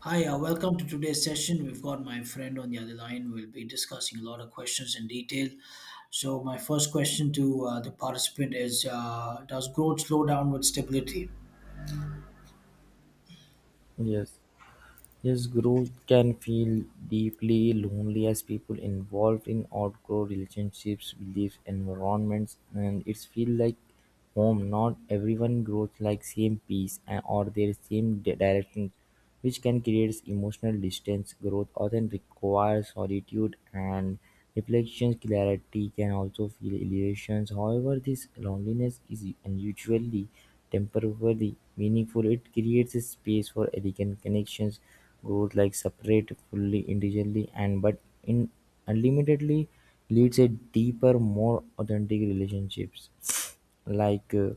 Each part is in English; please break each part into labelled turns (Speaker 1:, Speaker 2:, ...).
Speaker 1: Hi, welcome to today's session. We've got my friend on the other line. We'll be discussing a lot of questions in detail. So, my first question to the participant is does growth slow down with stability?
Speaker 2: Yes, yes, growth can feel deeply lonely as people involved in outgrow relationships, beliefs, environments, and it's feel like home. Not everyone grows like same peace and or their same direction, which can create emotional distance. Growth often requires solitude and reflection. Clarity can also feel illusions. However, this loneliness is unusually temporally meaningful. It creates a space for elegant connections, growth like separate fully individually and but in unlimitedly leads a deeper, more authentic relationships like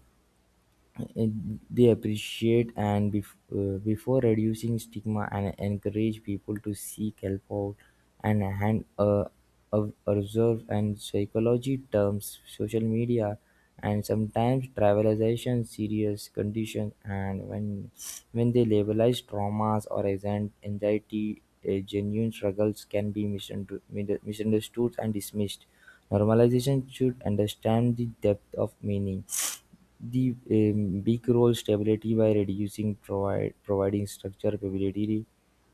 Speaker 2: they appreciate and before reducing stigma and encourage people to seek help out and hand observe and psychology terms social media and sometimes trivialization serious conditions and when they labelize traumas or anxiety. Genuine struggles can be misunderstood and dismissed. Normalization should understand the depth of meaning. The big role stability by reducing providing structure, stability,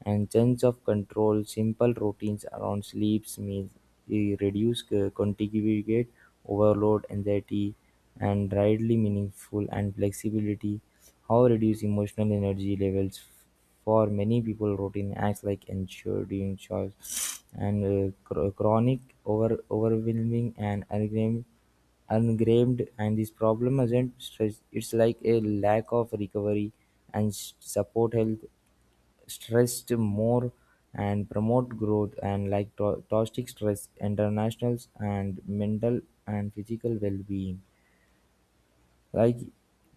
Speaker 2: and sense of control. Simple routines around sleeps means reduce contiguous overload, anxiety, and rightly meaningful and flexibility. How reduce emotional energy levels for many people routine acts like ensuring chores and chronic overwhelming and unexamined engraved, and this problem isn't stress—it's like a lack of recovery and support health, stressed more and promote growth and like toxic stress internationals and mental and physical well-being like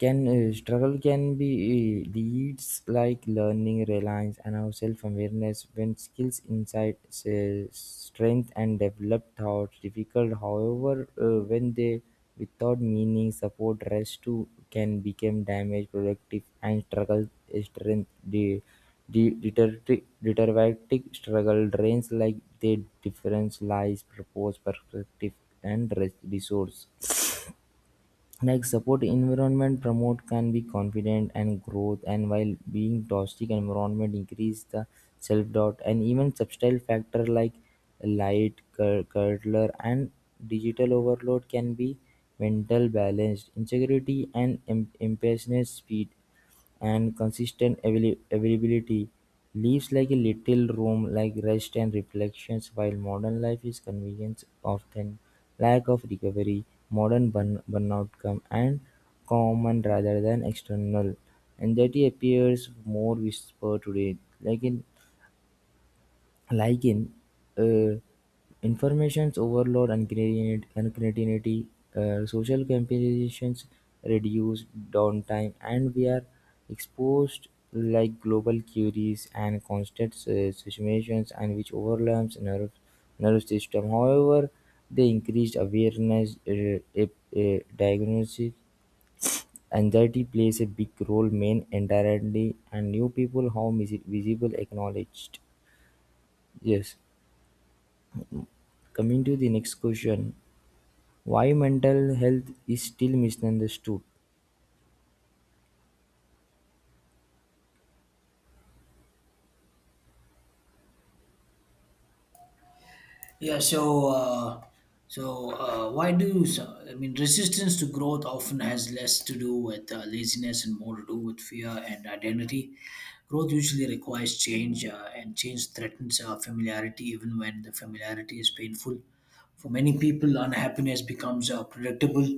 Speaker 2: can struggle can be leads like learning reliance and our self-awareness when skills insight say, strength and developed thoughts difficult. However when they without meaning support rest too can become damage productive and struggle, strength, the deteriorating struggle drains like the difference lies purpose perspective and resource like support environment promote can be confident and growth and while being toxic environment increase the self-doubt. And even subtle factor like light curler and digital overload can be mental balanced insecurity and impatience speed and consistent availability leaves like a little room like rest and reflections while modern life is convenience often lack of recovery modern burnout come and common rather than external. Anxiety appears more whisper today, like in like in uh, information's overload and concatenity, social comparisons reduce downtime, and we are exposed like global queries and constant situations and which overlaps nerve nervous system. However, they increased awareness, diagnosis, anxiety plays a big role, main indirectly, and new people how visible acknowledged. Yes. Coming to the next question, why mental health is still misunderstood?
Speaker 1: Yeah, so so why do so, I mean resistance to growth often has less to do with laziness and more to do with fear and identity. Growth usually requires change, and change threatens familiarity, even when the familiarity is painful. For many people, unhappiness becomes predictable,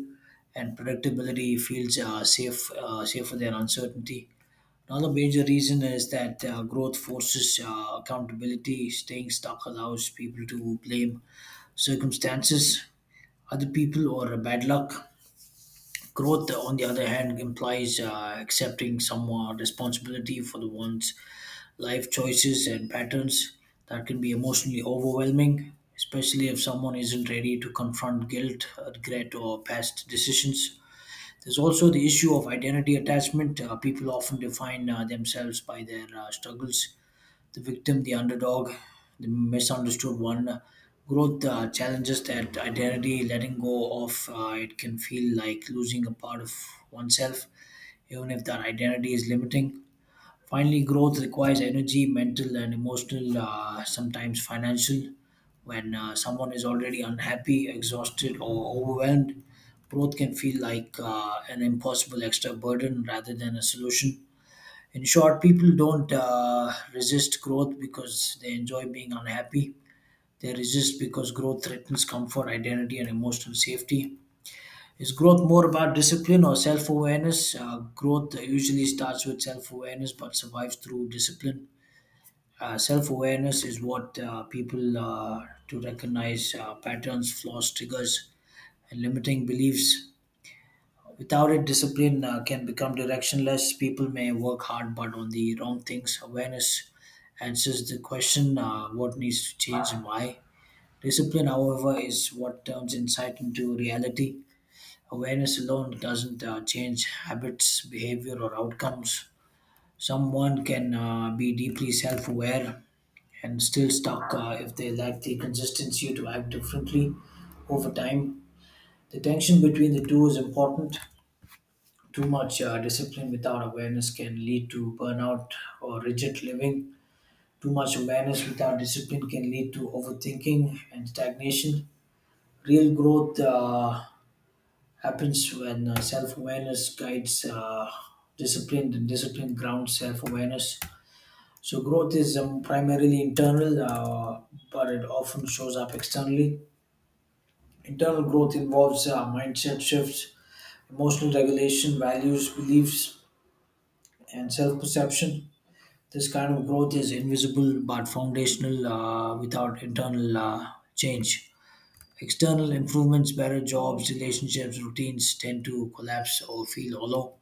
Speaker 1: and predictability feels safe, safer than uncertainty. Another major reason is that growth forces accountability. Staying stuck allows people to blame circumstances, other people, or bad luck. Growth, on the other hand, implies accepting some responsibility for the one's life choices and patterns. That can be emotionally overwhelming, especially if someone isn't ready to confront guilt, regret, or past decisions. There's also the issue of identity attachment. People often define themselves by their struggles: the victim, the underdog, the misunderstood one. Growth challenges that identity, letting go of it can feel like losing a part of oneself, even if that identity is limiting. Finally, growth requires energy, mental and emotional, sometimes financial. When someone is already unhappy, exhausted, or overwhelmed, growth can feel like an impossible extra burden rather than a solution. In short, people don't resist growth because they enjoy being unhappy. They resist because growth threatens comfort, identity, and emotional safety. Is growth more about discipline or self awareness? Growth usually starts with self awareness but survives through discipline. Self awareness is what people to recognize patterns, flaws, triggers, and limiting beliefs. Without it, discipline can become directionless. People may work hard but on the wrong things. Awareness answers the question what needs to change and why. Discipline, however, is what turns insight into reality. Awareness alone doesn't change habits, behavior, or outcomes. Someone can be deeply self aware and still stuck if they lack the consistency to act differently over time. The tension between the two is important. Too much discipline without awareness can lead to burnout or rigid living. Too much awareness without discipline can lead to overthinking and stagnation. Real growth happens when self-awareness guides discipline and discipline grounds self-awareness. So growth is primarily internal, but it often shows up externally. Internal growth involves mindset shifts, emotional regulation, values, beliefs, and self-perception. This kind of growth is invisible but foundational. Without internal change, external improvements, better jobs, relationships, routines, tend to collapse or feel hollow.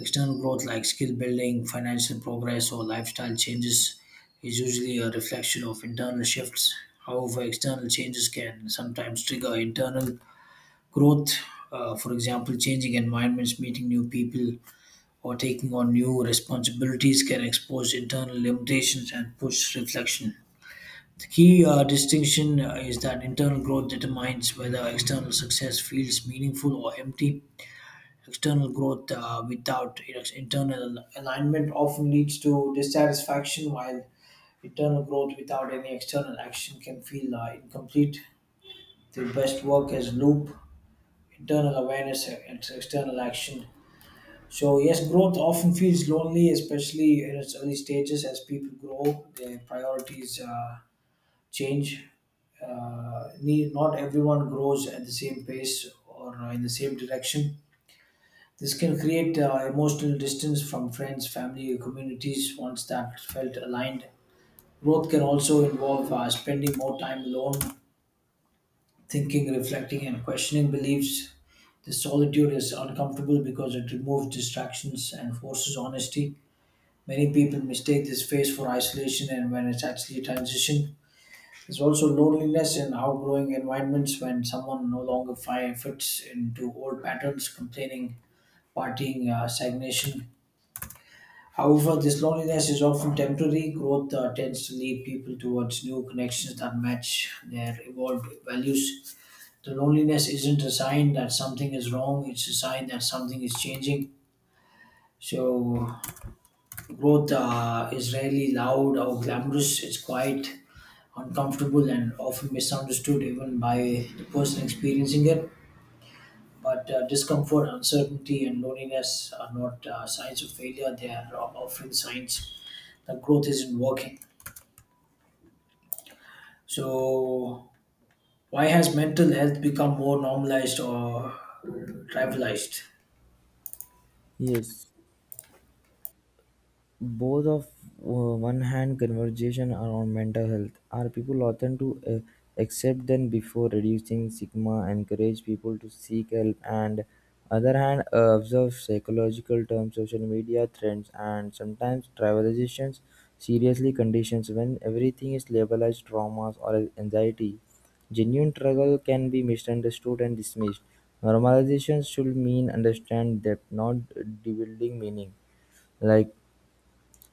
Speaker 1: External growth like skill building, financial progress, or lifestyle changes is usually a reflection of internal shifts. However, external changes can sometimes trigger internal growth. For example, changing environments, meeting new people, or taking on new responsibilities can expose internal limitations and push reflection. The key distinction is that internal growth determines whether external success feels meaningful or empty. External growth without internal alignment often leads to dissatisfaction, while internal growth without any external action can feel incomplete. The best work is loop, internal awareness, and external action. So, yes, growth often feels lonely, especially in its early stages as people grow, their priorities change. Not everyone grows at the same pace or in the same direction. This can create emotional distance from friends, family, or communities once that felt aligned. Growth can also involve spending more time alone, thinking, reflecting, and questioning beliefs. This solitude is uncomfortable because it removes distractions and forces honesty. Many people mistake this phase for isolation, and when it's actually transition, there's also loneliness in outgrowing environments when someone no longer fits into old patterns, complaining, partying, stagnation. However, this loneliness is often temporary. Growth tends to lead people towards new connections that match their evolved values. The loneliness isn't a sign that something is wrong, it's a sign that something is changing. So, growth is rarely loud or glamorous, it's quiet, uncomfortable, and often misunderstood even by the person experiencing it. But discomfort, uncertainty, and loneliness are not signs of failure, they are often signs that growth isn't working. So, why has mental health become more normalized or trivialized?
Speaker 2: Yes. Both of one-hand conversation around mental health are people often to accept them before reducing stigma, encourage people to seek help, and other hand observe psychological terms, social media trends, and sometimes trivializations seriously conditions when everything is labeled as traumas or anxiety. Genuine struggle can be misunderstood and dismissed. Normalization should mean understand depth, not debuilding meaning. Like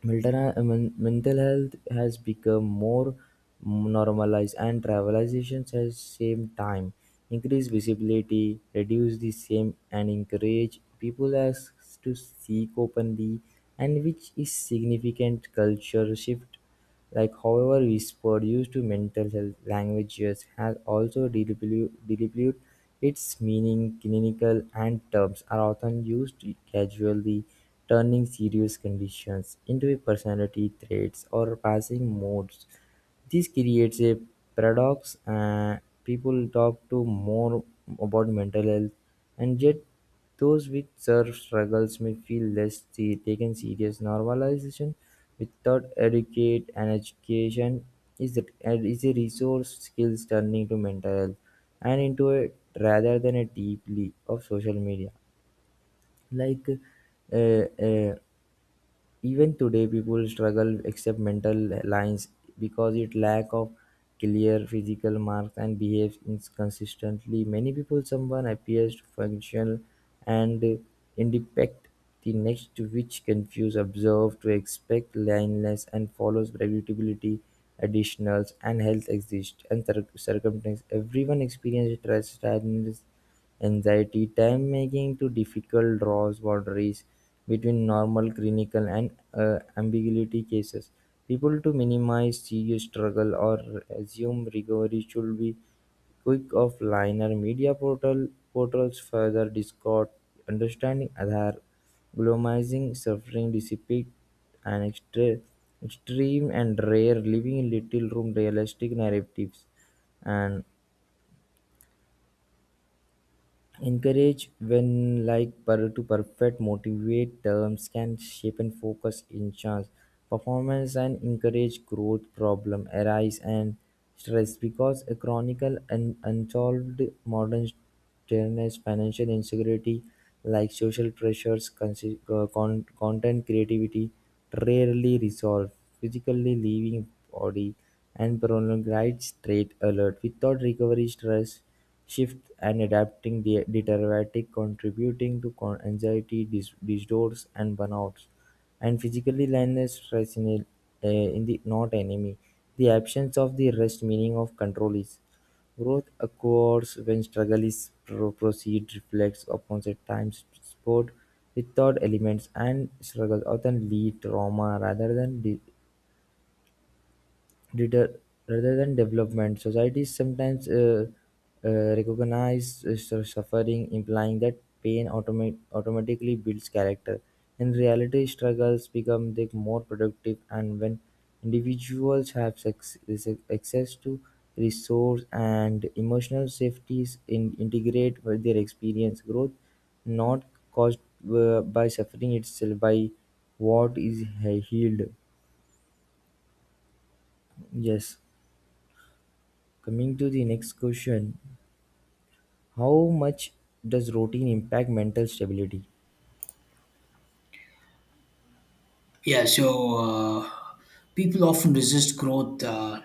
Speaker 2: mental, mental health has become more normalized and travelization has same time increase visibility reduce the same and encourage people as to seek openly and which is significant culture shift like, however, is produced to mental health, language use has also developed its meaning. Clinical and terms are often used casually, turning serious conditions into a personality traits or passing modes. This creates a paradox: people talk to more about mental health, and yet those with serve struggles may feel less taken serious. Normalization without educate and education is a, is a resource skills turning to mental health and into it rather than a deeply of social media like, uh, uh, even today, people struggle except mental lines because it lack of clear physical marks and behaves inconsistently. Many people, someone appears functional and independent the next, which confuse observe to expect lineness and follows predictability. Additionals and health exist and circumstance. Everyone experiences stress, sadness, anxiety time making to difficult draws boundaries between normal clinical and ambiguity cases. People to minimize serious struggle or assume recovery should be quick of liner media portals further discord understanding Aadhaar globalizing suffering dissipate and extreme and rare leaving little room realistic narratives and encourage when like per to perfect motivate terms can shape and focus in chance performance and encourage growth problem arise and stress because a chronicle and unsolved modern stress financial insecurity like social pressures, content creativity rarely resolve physically leaving body and prolonged right straight alert without recovery stress shift and adapting the diuretic contributing to anxiety, disorders and burnouts. And physically lioness stress in, it, in the not enemy. The absence of the rest meaning of control is growth occurs when struggle is proceed reflects upon the time sport without elements and struggle often lead trauma rather than deter- rather than development. Societies sometimes uh, recognize suffering, implying that pain automatically builds character. In reality, struggles become the more productive, and when individuals have access to resource and emotional safeties, integrate with their experience growth, not caused by suffering itself, by what is healed. Yes. Coming to the next question, how much does routine impact mental stability?
Speaker 1: Yeah, so people often resist growth uh,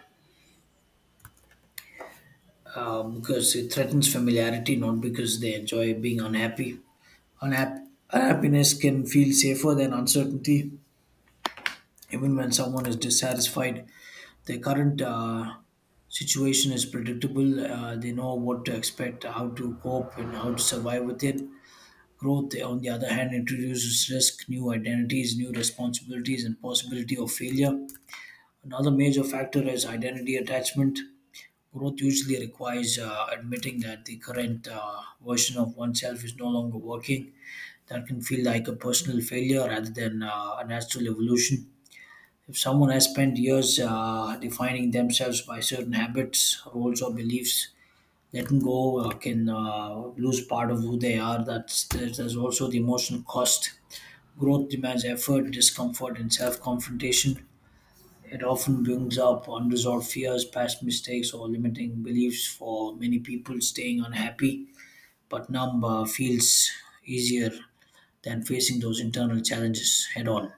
Speaker 1: uh, because it threatens familiarity, not because they enjoy being unhappy. Unhappiness can feel safer than uncertainty, even when someone is dissatisfied. Their current situation is predictable, they know what to expect, how to cope, and how to survive with it. Growth, on the other hand, introduces risk, new identities, new responsibilities, and possibility of failure. Another major factor is identity attachment. Growth usually requires admitting that the current version of oneself is no longer working. That can feel like a personal failure rather than a natural evolution. If someone has spent years defining themselves by certain habits, roles, or beliefs, letting go can lose part of who they are. There's also the emotional cost. Growth demands effort, discomfort, and self-confrontation. It often brings up unresolved fears, past mistakes, or limiting beliefs. For many people, staying unhappy but numb feels easier than facing those internal challenges head on.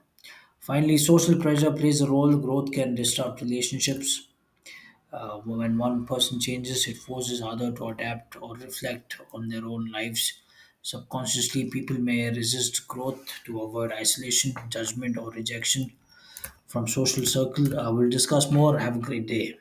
Speaker 1: Finally, social pressure plays a role. Growth can disrupt relationships. When one person changes, it forces other to adapt or reflect on their own lives. Subconsciously, people may resist growth to avoid isolation, judgment, or rejection from social circle. We'll discuss more. Have a great day.